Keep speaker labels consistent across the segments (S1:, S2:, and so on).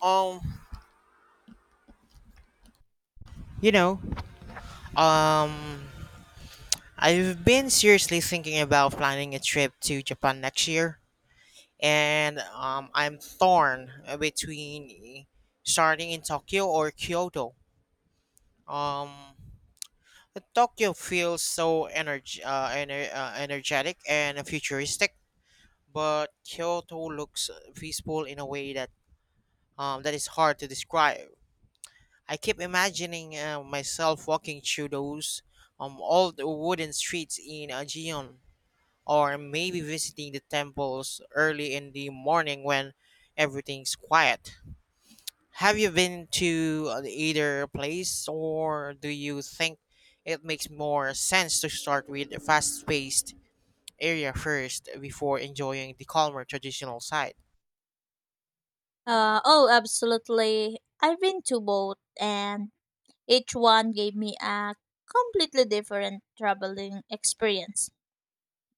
S1: Um, you know, um, I've been seriously thinking about planning a trip to Japan next year, and I'm torn between starting in Tokyo or Kyoto. Um, Tokyo feels so energetic and futuristic, but Kyoto looks peaceful in a way that is hard to describe. I keep imagining myself walking through those old wooden streets in Aegean, or maybe visiting the temples early in the morning when everything's quiet. Have you been to either place, or do you think it makes more sense to start with a fast paced area first before enjoying the calmer traditional side?
S2: Oh, Absolutely. I've been to both, and each one gave me a completely different traveling experience.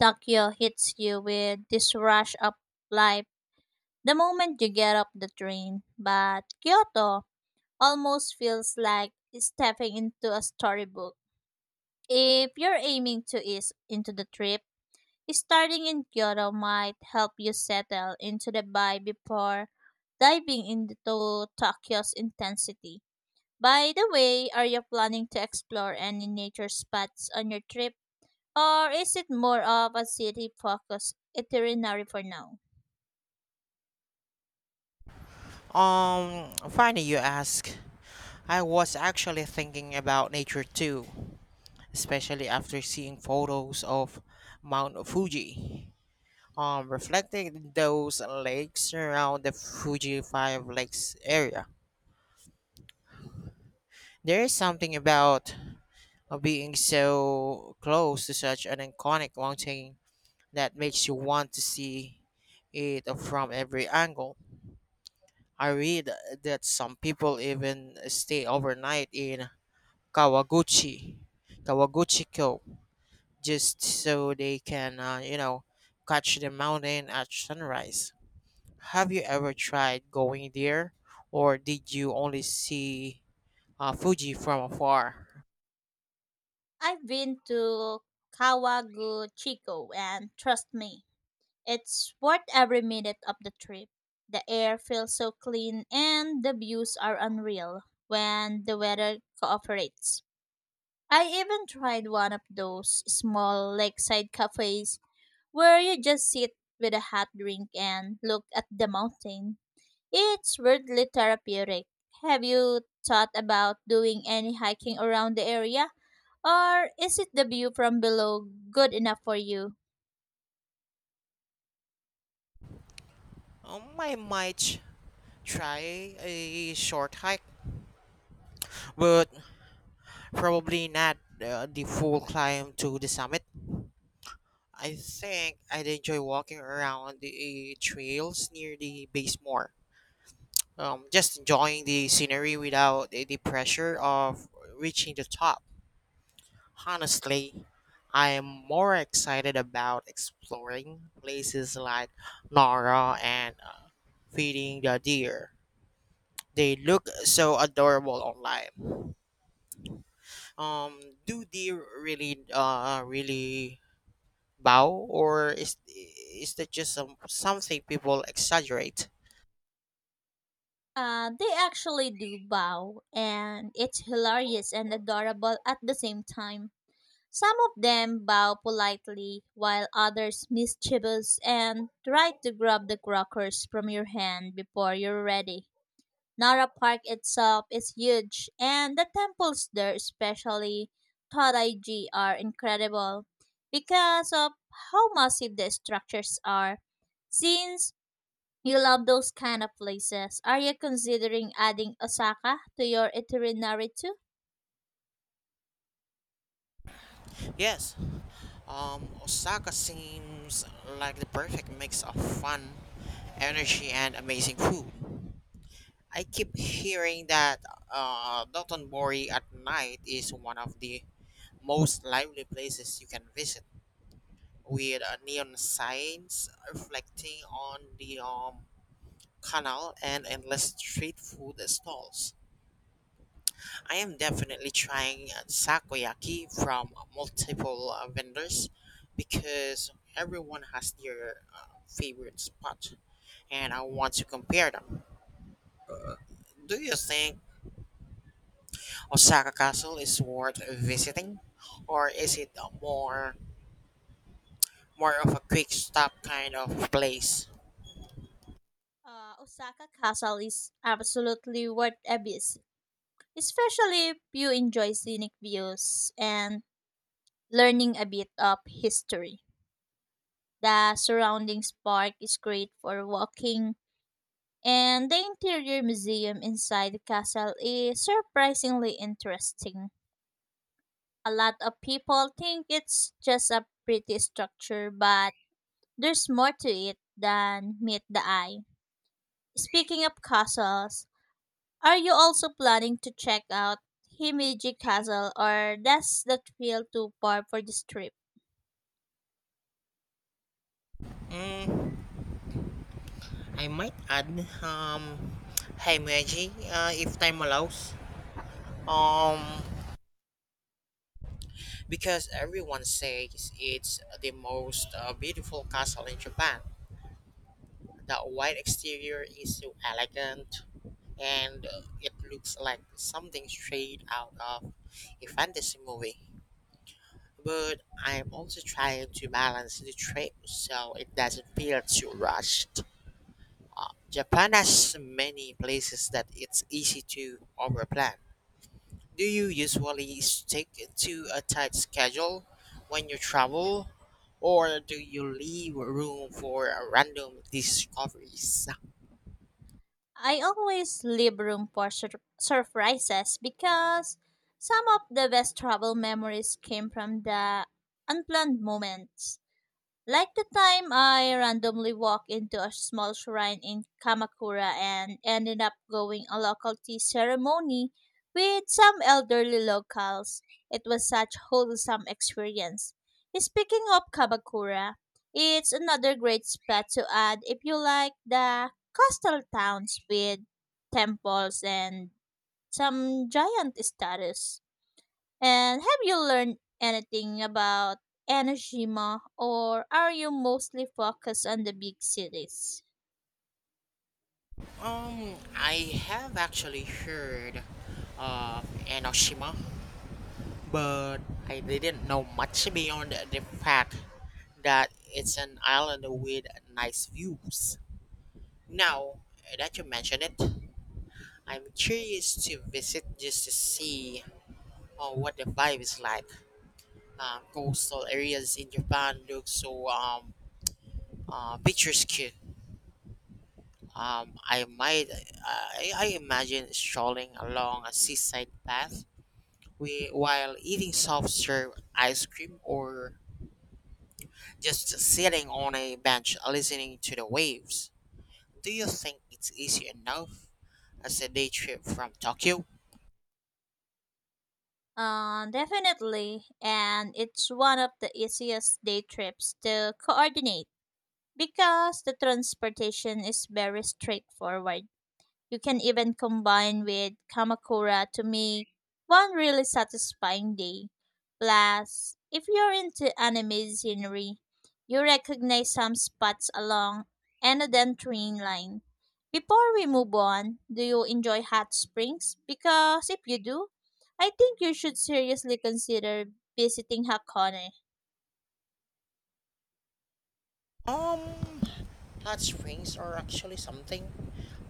S2: Tokyo hits you with this rush of life the moment you get off the train, but Kyoto almost feels like stepping into a storybook. If you're aiming to ease into the trip, starting in Kyoto might help you settle into the vibe before diving into Tokyo's intensity. By the way, are you planning to explore any nature spots on your trip? Or is it more of a city focused itinerary for now?
S1: Funny you ask. I was actually thinking about nature too, especially after seeing photos of Mount Fuji. Reflecting those lakes around the Fuji Five Lakes area, there is something about being so close to such an iconic mountain that makes you want to see it from every angle. I read that some people even stay overnight in Kawaguchi, Kawaguchi-ko, just so they can, catch the mountain at sunrise. Have you ever tried going there, or did you only see Fuji from afar?
S2: I've been to Kawaguchiko, and trust me, it's worth every minute of the trip. The air feels so clean and the views are unreal when the weather cooperates. I even tried one of those small lakeside cafes where you just sit with a hot drink and look at the mountain. It's weirdly therapeutic. Have you thought about doing any hiking around the area? Or is it the view from below good enough for you?
S1: I might try a short hike, but probably not the full climb to the summit. I think I'd enjoy walking around the trails near the base more. Just enjoying the scenery without the pressure of reaching the top. Honestly, I am more excited about exploring places like Nara and feeding the deer. They look so adorable online. Um, do deer really bow, or is that just something people exaggerate?
S2: They actually do bow, and it's hilarious and adorable at the same time. Some of them bow politely, while others mischievous and try to grab the crockers from your hand before you're ready. Nara Park itself is huge, and the temples there, especially Todaiji, are incredible because of how massive the structures are. Since you love those kind of places, are you considering adding Osaka to your itinerary too?
S1: Yes. Osaka seems like the perfect mix of fun, energy, and amazing food. I keep hearing that Dotonbori at night is one of the most lively places you can visit, with neon signs reflecting on the canal and endless street food stalls. I am definitely trying sakoyaki from multiple vendors because everyone has their favorite spot, and I want to compare them. Do you think Osaka Castle is worth visiting, or is it a more of a quick stop kind of place?
S2: Osaka Castle is absolutely worth a visit, especially if you enjoy scenic views and learning a bit of history. The surrounding park is great for walking, and the interior museum inside the castle is surprisingly interesting. A lot of people think it's just a pretty structure, but there's more to it than meet the eye. Speaking of castles, are you also planning to check out Himeji Castle, or does that feel too far for this trip?
S1: Mm, I might add um Heimeji if time allows. Um, because everyone says it's the most beautiful castle in Japan. The white exterior is so elegant, and it looks like something straight out of a fantasy movie. But I'm also trying to balance the trip so it doesn't feel too rushed. Japan has many places that it's easy to overplan. Do you usually stick to a tight schedule when you travel, or do you leave room for random discoveries?
S2: I always leave room for surprises because some of the best travel memories came from the unplanned moments. Like the time I randomly walked into a small shrine in Kamakura and ended up going a local tea ceremony with some elderly locals. It was such wholesome experience. Speaking of Kamakura, it's another great spot to add if you like the coastal towns with temples and some giant statues. And have you learned anything about Enoshima, or are you mostly focused on the big cities?
S1: I have actually heard of Enoshima, but I didn't know much beyond the fact that it's an island with nice views. Now that you mention it, I'm curious to visit just to see what the vibe is like. Coastal areas in Japan look so picturesque. Um, I might, I imagine strolling along a seaside path while eating soft serve ice cream or just sitting on a bench listening to the waves. Do you think it's easy enough as a day trip from Tokyo?
S2: Definitely, and it's one of the easiest day trips to coordinate because the transportation is very straightforward. You can even combine with kamakura to make one really satisfying day. Plus, if you're into anime scenery, you recognize some spots along Enoden train line. Before we move on, do you enjoy hot springs? Because if you do, I think you should seriously consider visiting Hakone.
S1: Um, Hot springs are actually something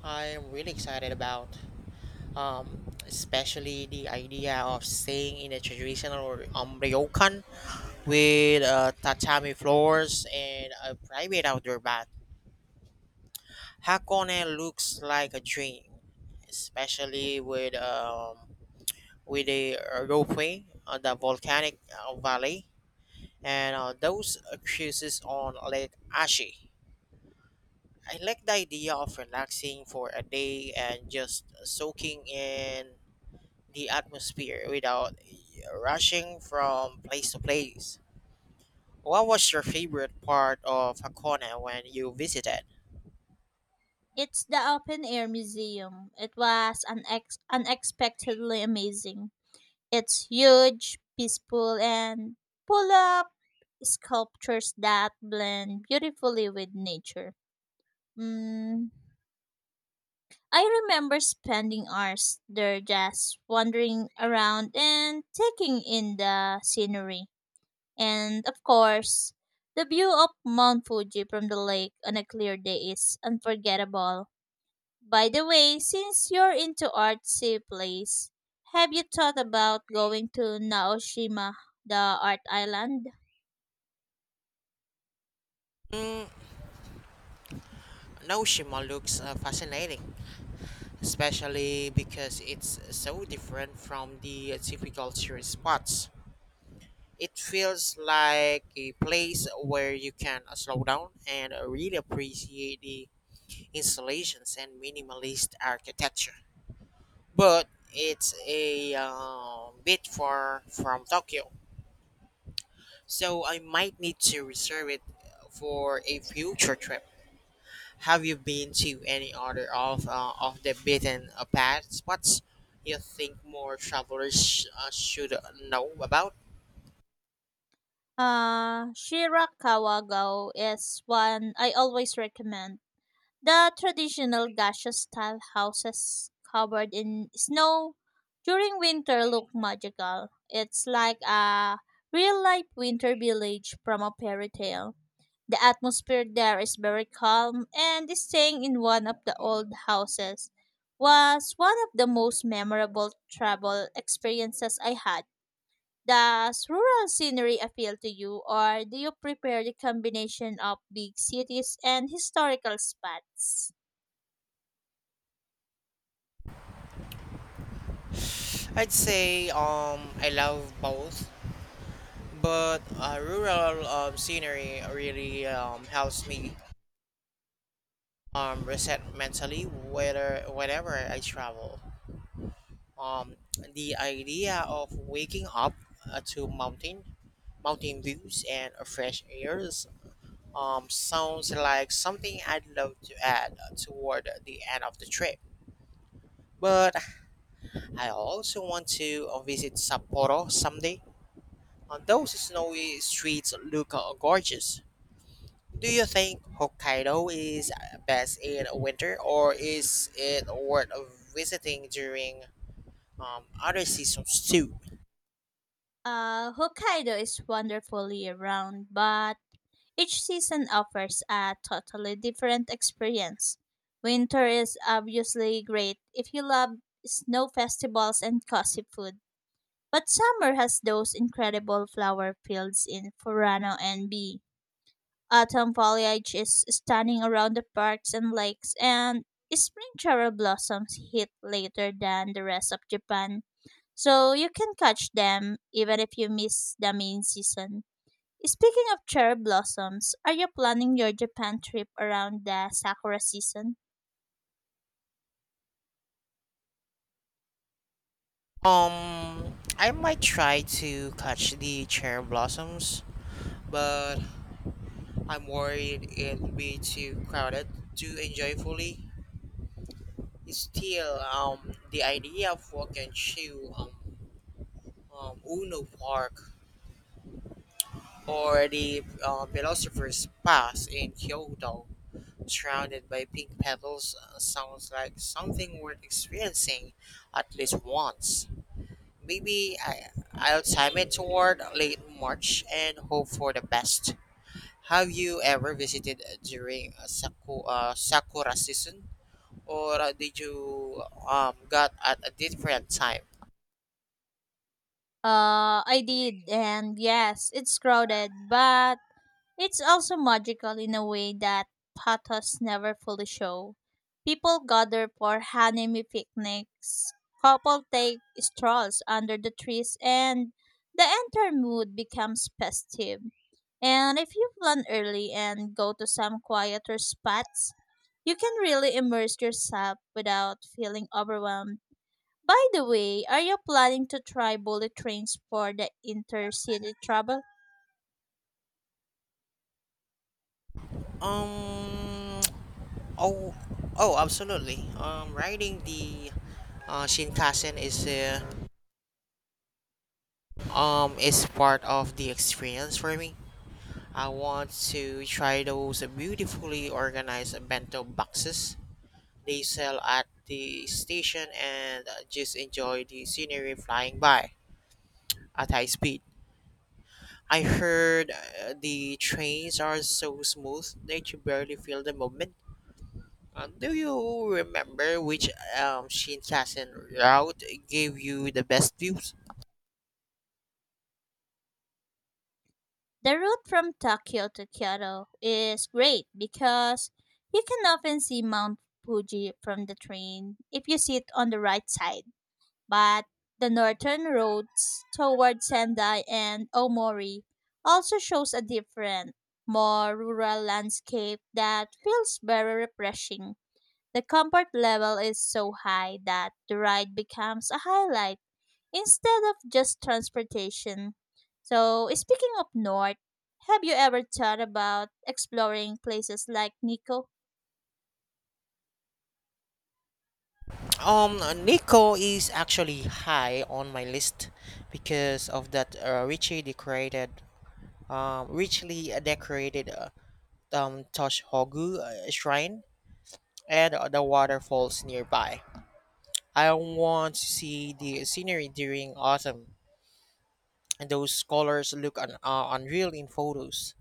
S1: I'm really excited about. Especially the idea of staying in a traditional ryokan with tatami floors and a private outdoor bath. Hakone looks like a dream, especially with the ropeway, the volcanic valley, and those cruises on Lake Ashi. I like the idea of relaxing for a day and just soaking in the atmosphere without rushing from place to place. What was your favorite part of Hakone when you visited?
S2: It's the open air museum. It was unexpectedly amazing. It's huge, peaceful, and full of sculptures that blend beautifully with nature. Mm, I remember spending hours there just wandering around and taking in the scenery. And of course, the view of Mount Fuji from the lake on a clear day is unforgettable. By the way, since you're into artsy place, have you thought about going to Naoshima, the art island?
S1: Mm, Naoshima looks fascinating, especially because it's so different from the typical tourist spots. It feels like a place where you can slow down and really appreciate the installations and minimalist architecture. But it's a bit far from Tokyo, so I might need to reserve it for a future trip. Have you been to any other of the beaten path spots you think more travelers should know about?
S2: Shirakawagao is one I always recommend. The traditional gaseous style houses covered in snow during winter look magical. It's like a real life winter village from a fairy tale. The atmosphere there is very calm, and staying in one of the old houses was one of the most memorable travel experiences I had. Does rural scenery appeal to you, or do you prefer the combination of big cities and historical spots?
S1: I'd say I love both, but rural scenery really helps me reset mentally whether whenever I travel. Um, the idea of waking up to mountain views and fresh airs sounds like something I'd love to add toward the end of the trip. But I also want to visit Sapporo someday. Those snowy streets look gorgeous. Do you think Hokkaido is best in winter, or is it worth visiting during other seasons too?
S2: Hokkaido is wonderfully around, but each season offers a totally different experience. Winter is obviously great if you love snow festivals and cozy food, but summer has those incredible flower fields in Furano and Bi. Autumn foliage is stunning around the parks and lakes, and spring cherry blossoms hit later than the rest of Japan so you can catch them even if you miss the main season. Speaking of cherry blossoms, are you planning your Japan trip around the sakura season?
S1: I might try to catch the cherry blossoms, but I'm worried it'll be too crowded to enjoy fully. Still, the idea of walking through Uno Park or the Philosopher's Pass in Kyoto surrounded by pink petals sounds like something worth experiencing at least once. Maybe I'll time it toward late March and hope for the best. Have you ever visited during sakura season, or did you got at a different time?
S2: I did, and yes, it's crowded, but it's also magical in a way that pathos never fully show. People gather for Hanami picnics, couple take strolls under the trees, and the entire mood becomes festive. And if you plan early and go to some quieter spots, you can really immerse yourself without feeling overwhelmed. By the way, are you planning to try bullet trains for the intercity travel?
S1: Um. Oh. Oh, absolutely. Riding the Shinkansen is part of the experience for me. I want to try those beautifully organized bento boxes they sell at the station and just enjoy the scenery flying by at high speed. I heard the trains are so smooth that you barely feel the movement. Do you remember which Shinkansen route gave you the best views?
S2: The route from Tokyo to Kyoto is great because you can often see Mount Fuji from the train if you sit on the right side. But the northern roads toward Sendai and Omori also shows a different, more rural landscape that feels very refreshing. The comfort level is so high that the ride becomes a highlight instead of just transportation. So, speaking of north, have you ever thought about exploring places like Nico?
S1: Um, Nico is actually high on my list because of that richly decorated Toshogu shrine and the waterfalls nearby. I want to see the scenery during autumn, and those colors look unreal in photos.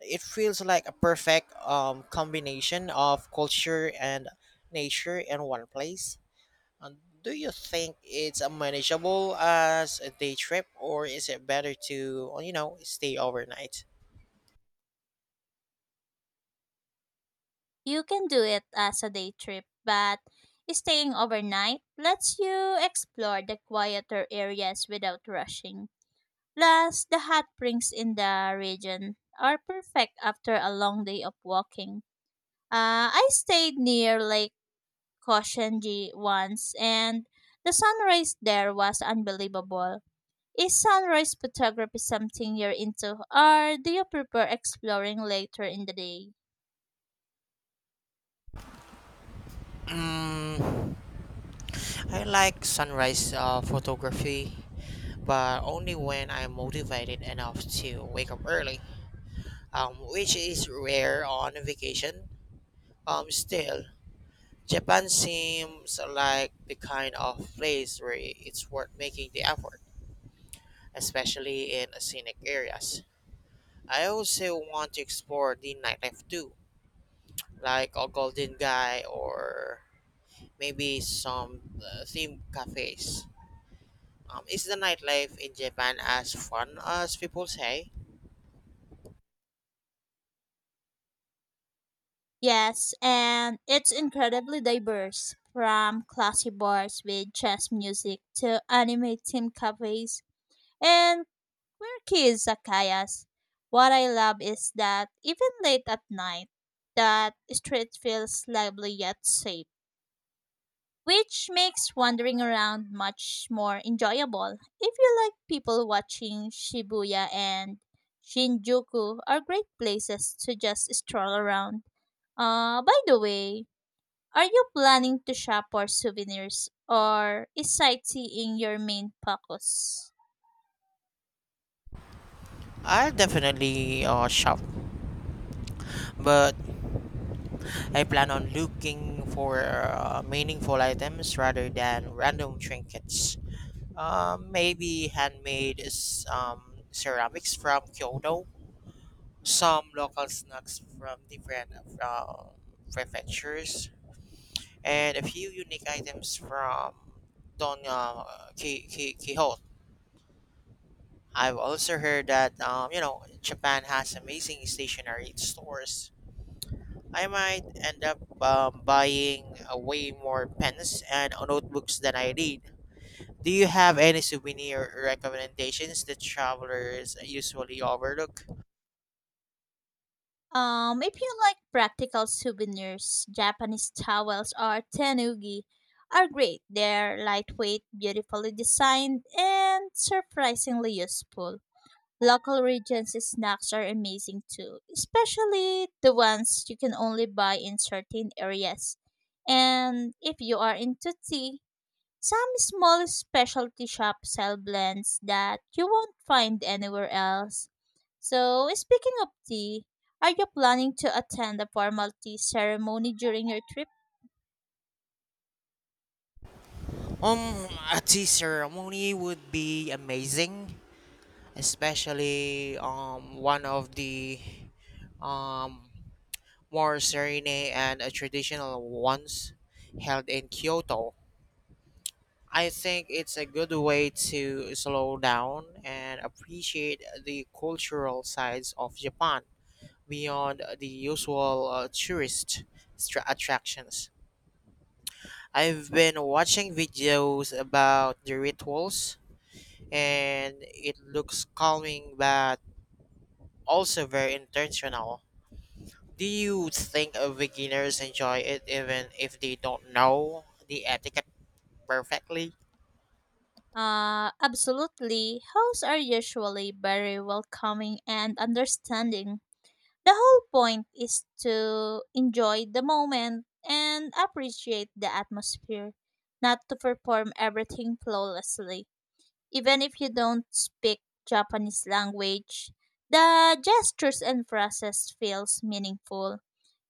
S1: It feels like a perfect combination of culture and nature in one place. And do you think it's manageable as a day trip, or is it better to stay overnight?
S2: You can do it as a day trip, but staying overnight lets you explore the quieter areas without rushing. Plus, the hot springs in the region are perfect after a long day of walking. I stayed near Lake Koshenji once, and the sunrise there was unbelievable. Is sunrise photography something you're into, or do you prefer exploring later in the day?
S1: Mm. I like sunrise photography, but only when I'm motivated enough to wake up early, which is rare on vacation. Still, Japan seems like the kind of place where it's worth making the effort, especially in scenic areas. I also want to explore the nightlife too, like a Golden Guy or maybe some theme cafes. Is the nightlife in Japan as fun as people say?
S2: Yes, and it's incredibly diverse from classy bars with jazz music to anime themed cafes and quirky izakayas. What I love is that even late at night, that street feels lively yet safe, which makes wandering around much more enjoyable. If you like people watching, Shibuya and Shinjuku are great places to just stroll around. By the way, are you planning to shop for souvenirs, or is sightseeing your main focus?
S1: I'll definitely shop, but I plan on looking for meaningful items rather than random trinkets. Maybe handmade ceramics from Kyoto, some local snacks from different uh, prefectures, and a few unique items from Don Quixote. I've also heard that Japan has amazing stationery stores. I might end up buying way more pens and notebooks than I need. Do you have any souvenir recommendations that travelers usually overlook?
S2: If you like practical souvenirs, Japanese towels or tanugi are great. They're lightweight, beautifully designed, and surprisingly useful. Local regions' snacks are amazing too, especially the ones you can only buy in certain areas. And if you are into tea, some small specialty shops sell blends that you won't find anywhere else. So, speaking of tea, are you planning to attend a formal tea ceremony during your trip?
S1: A tea ceremony would be amazing, especially one of the um more serene and traditional ones held in Kyoto. I think it's a good way to slow down and appreciate the cultural sides of Japan beyond the usual tourist attractions. I've been watching videos about the rituals, and it looks calming but also very intentional. Do you think beginners enjoy it even if they don't know the etiquette perfectly?
S2: Absolutely. Hosts are usually very welcoming and understanding. The whole point is to enjoy the moment and appreciate the atmosphere, not to perform everything flawlessly. Even if you don't speak Japanese language, the gestures and phrases feels meaningful.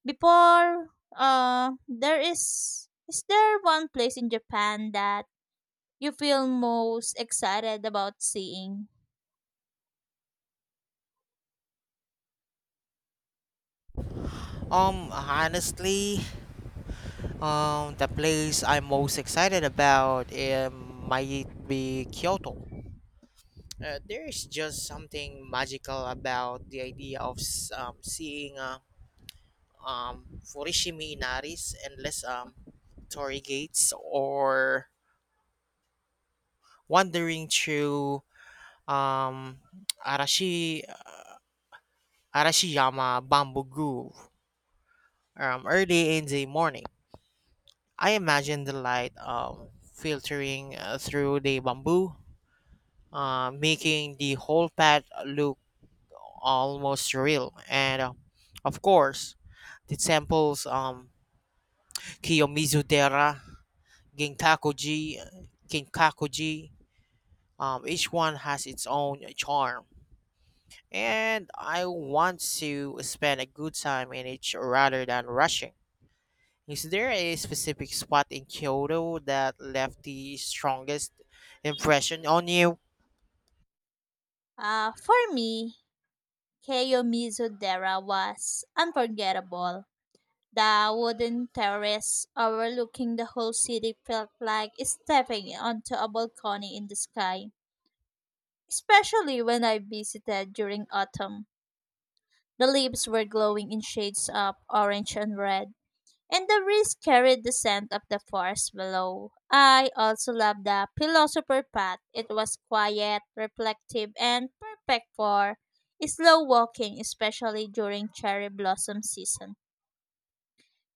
S2: Before, there is there one place in Japan that you feel most excited about seeing?
S1: Honestly, the place I'm most excited about it might be Kyoto. There is just something magical about the idea of seeing Fukushima Inari's endless torii gates or wandering through um, Arashi Arashiyama Bamboo Grove early in the morning. I imagine the light filtering through the bamboo making the whole path look almost real. And of course, the temples Kiyomizu-dera, Ginkakuji, Kinkakuji, each one has its own charm. And I want to spend a good time in each rather than rushing. Is there a specific spot in Kyoto that left the strongest impression on you?
S2: For me, Keiomizu-dera was unforgettable. The wooden terrace overlooking the whole city felt like stepping onto a balcony in the sky, especially when I visited during autumn. The leaves were glowing in shades of orange and red, and the breeze carried the scent of the forest below. I also loved the philosopher path. It was quiet, reflective, and perfect for slow walking, especially during cherry blossom season.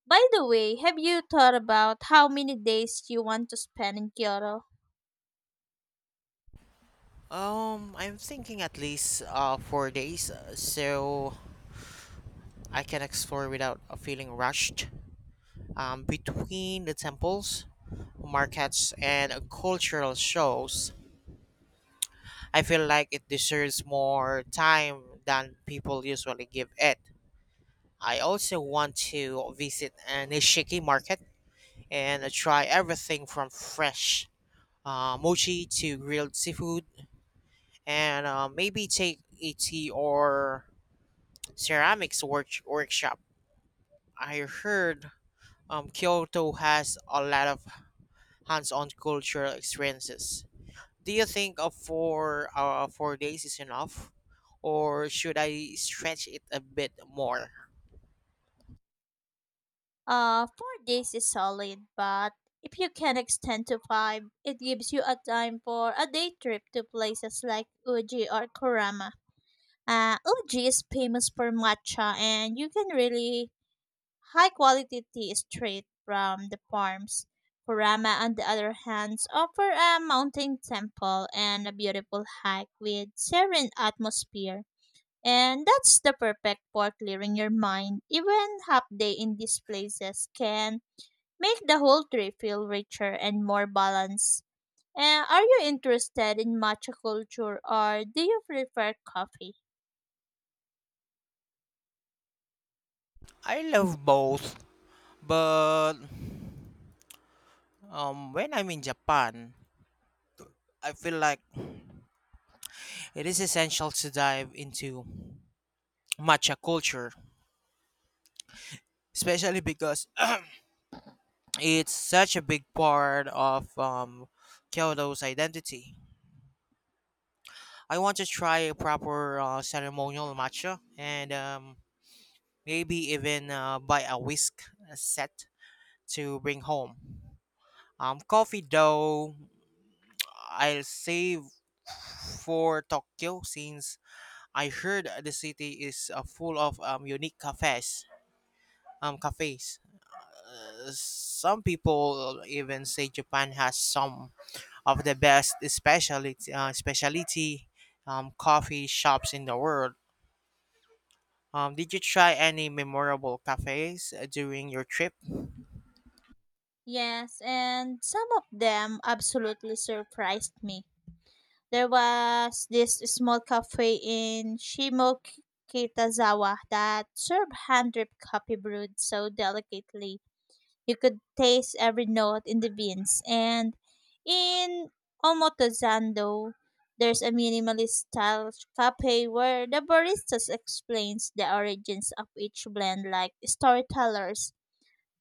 S2: By the way, have you thought about how many days you want to spend in Kyoto?
S1: I'm thinking at least 4 days. So I can explore without feeling rushed. Between the temples, markets, and cultural shows, I feel like it deserves more time than people usually give it. I also want to visit a Nishiki market and try everything from fresh mochi to grilled seafood, and maybe take a tea or ceramics workshop. I heard Kyoto has a lot of hands-on cultural experiences. Do you think of 4 days is enough, or should I stretch it a bit more?
S2: 4 days is solid, but if you can extend to five, it gives you a time for a day trip to places like Uji or Kurama. Uh, Uji is famous for matcha, and you can really high quality tea straight from the farms. Kurama, on the other hand, offer a mountain temple and a beautiful hike with serene atmosphere. And that's the perfect for clearing your mind. Even half day in these places can make the whole trip feel richer and more balanced. And are you interested in matcha culture, or do you prefer coffee?
S1: I love both, but when I'm in Japan, I feel like it is essential to dive into matcha culture, especially because it's such a big part of Kyoto's identity. I want to try a proper ceremonial matcha and maybe even buy a whisk set to bring home. Coffee though, I'll save for Tokyo since I heard the city is full of unique cafes. Some people even say Japan has some of the best specialty coffee shops in the world. Did you try any memorable cafes during your trip?
S2: Yes, and some of them absolutely surprised me. There was this small cafe in Shimokitazawa that served hand-dripped coffee brewed so delicately you could taste every note in the beans. And in Omotozando, there's a minimalist style cafe where the baristas explains the origins of each blend like storytellers.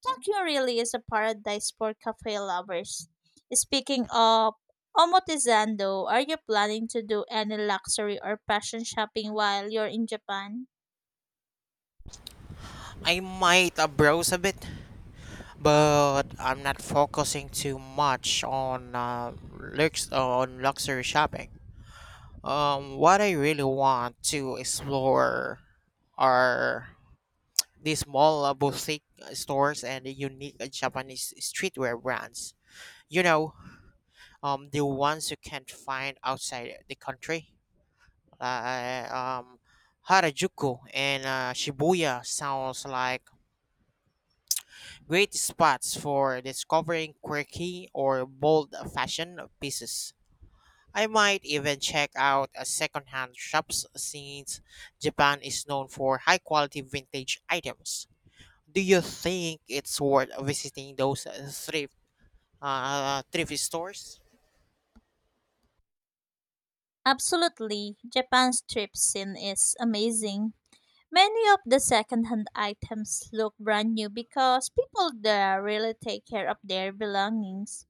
S2: Tokyo really is a paradise for cafe lovers. Speaking of Omotezando, are you planning to do any luxury or fashion shopping while you're in Japan?
S1: I might browse a bit, but I'm not focusing too much on luxury shopping. What I really want to explore are these small boutique stores and the unique Japanese streetwear brands. You know, the ones you can't find outside the country, like Harajuku and Shibuya sounds like great spots for discovering quirky or bold fashion pieces. I might even check out a secondhand shops since Japan is known for high quality vintage items. Do you think it's worth visiting those thrift stores?
S2: Absolutely. Japan's trip scene is amazing. Many of the secondhand items look brand new because people there really take care of their belongings.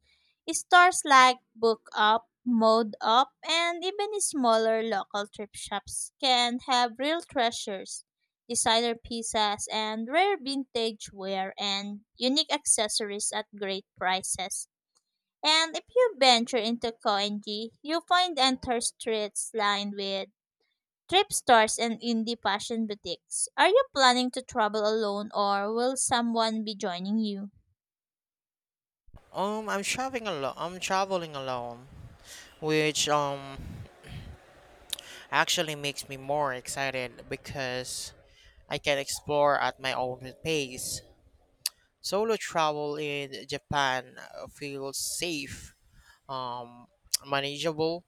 S2: Stores like Book Up, Mode Up, and even smaller local thrift shops can have real treasures, designer pieces, and rare vintage wear and unique accessories at great prices. And if you venture into Koenji, you find entire streets lined with trip stores and indie fashion boutiques. Are you planning to travel alone, or will someone be joining you?
S1: I'm traveling alone, which actually makes me more excited because I can explore at my own pace. Solo travel in Japan feels safe, um, manageable,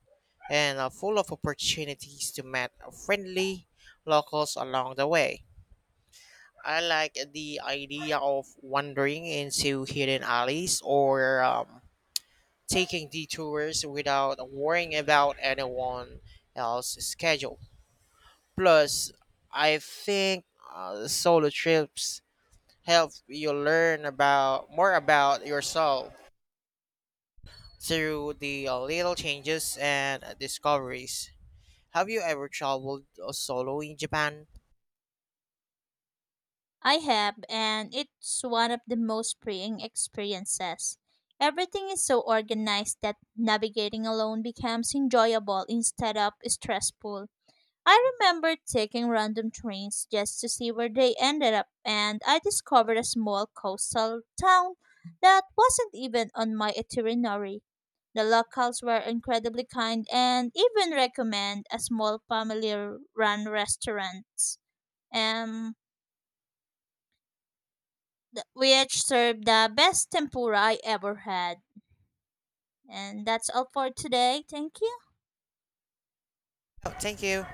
S1: and full of opportunities to meet friendly locals along the way. I like the idea of wandering into hidden alleys or taking detours without worrying about anyone else's schedule. Plus, I think solo trips help you learn about more about yourself through the little changes and discoveries. Have you ever traveled solo in Japan?
S2: I have, and it's one of the most freeing experiences. Everything is so organized that navigating alone becomes enjoyable instead of stressful. I remember taking random trains just to see where they ended up, and I discovered a small coastal town that wasn't even on my itinerary. The locals were incredibly kind and even recommend a small family-run restaurant, um, th- which served the best tempura I ever had. And that's all for today. Thank you.
S1: Oh, thank you.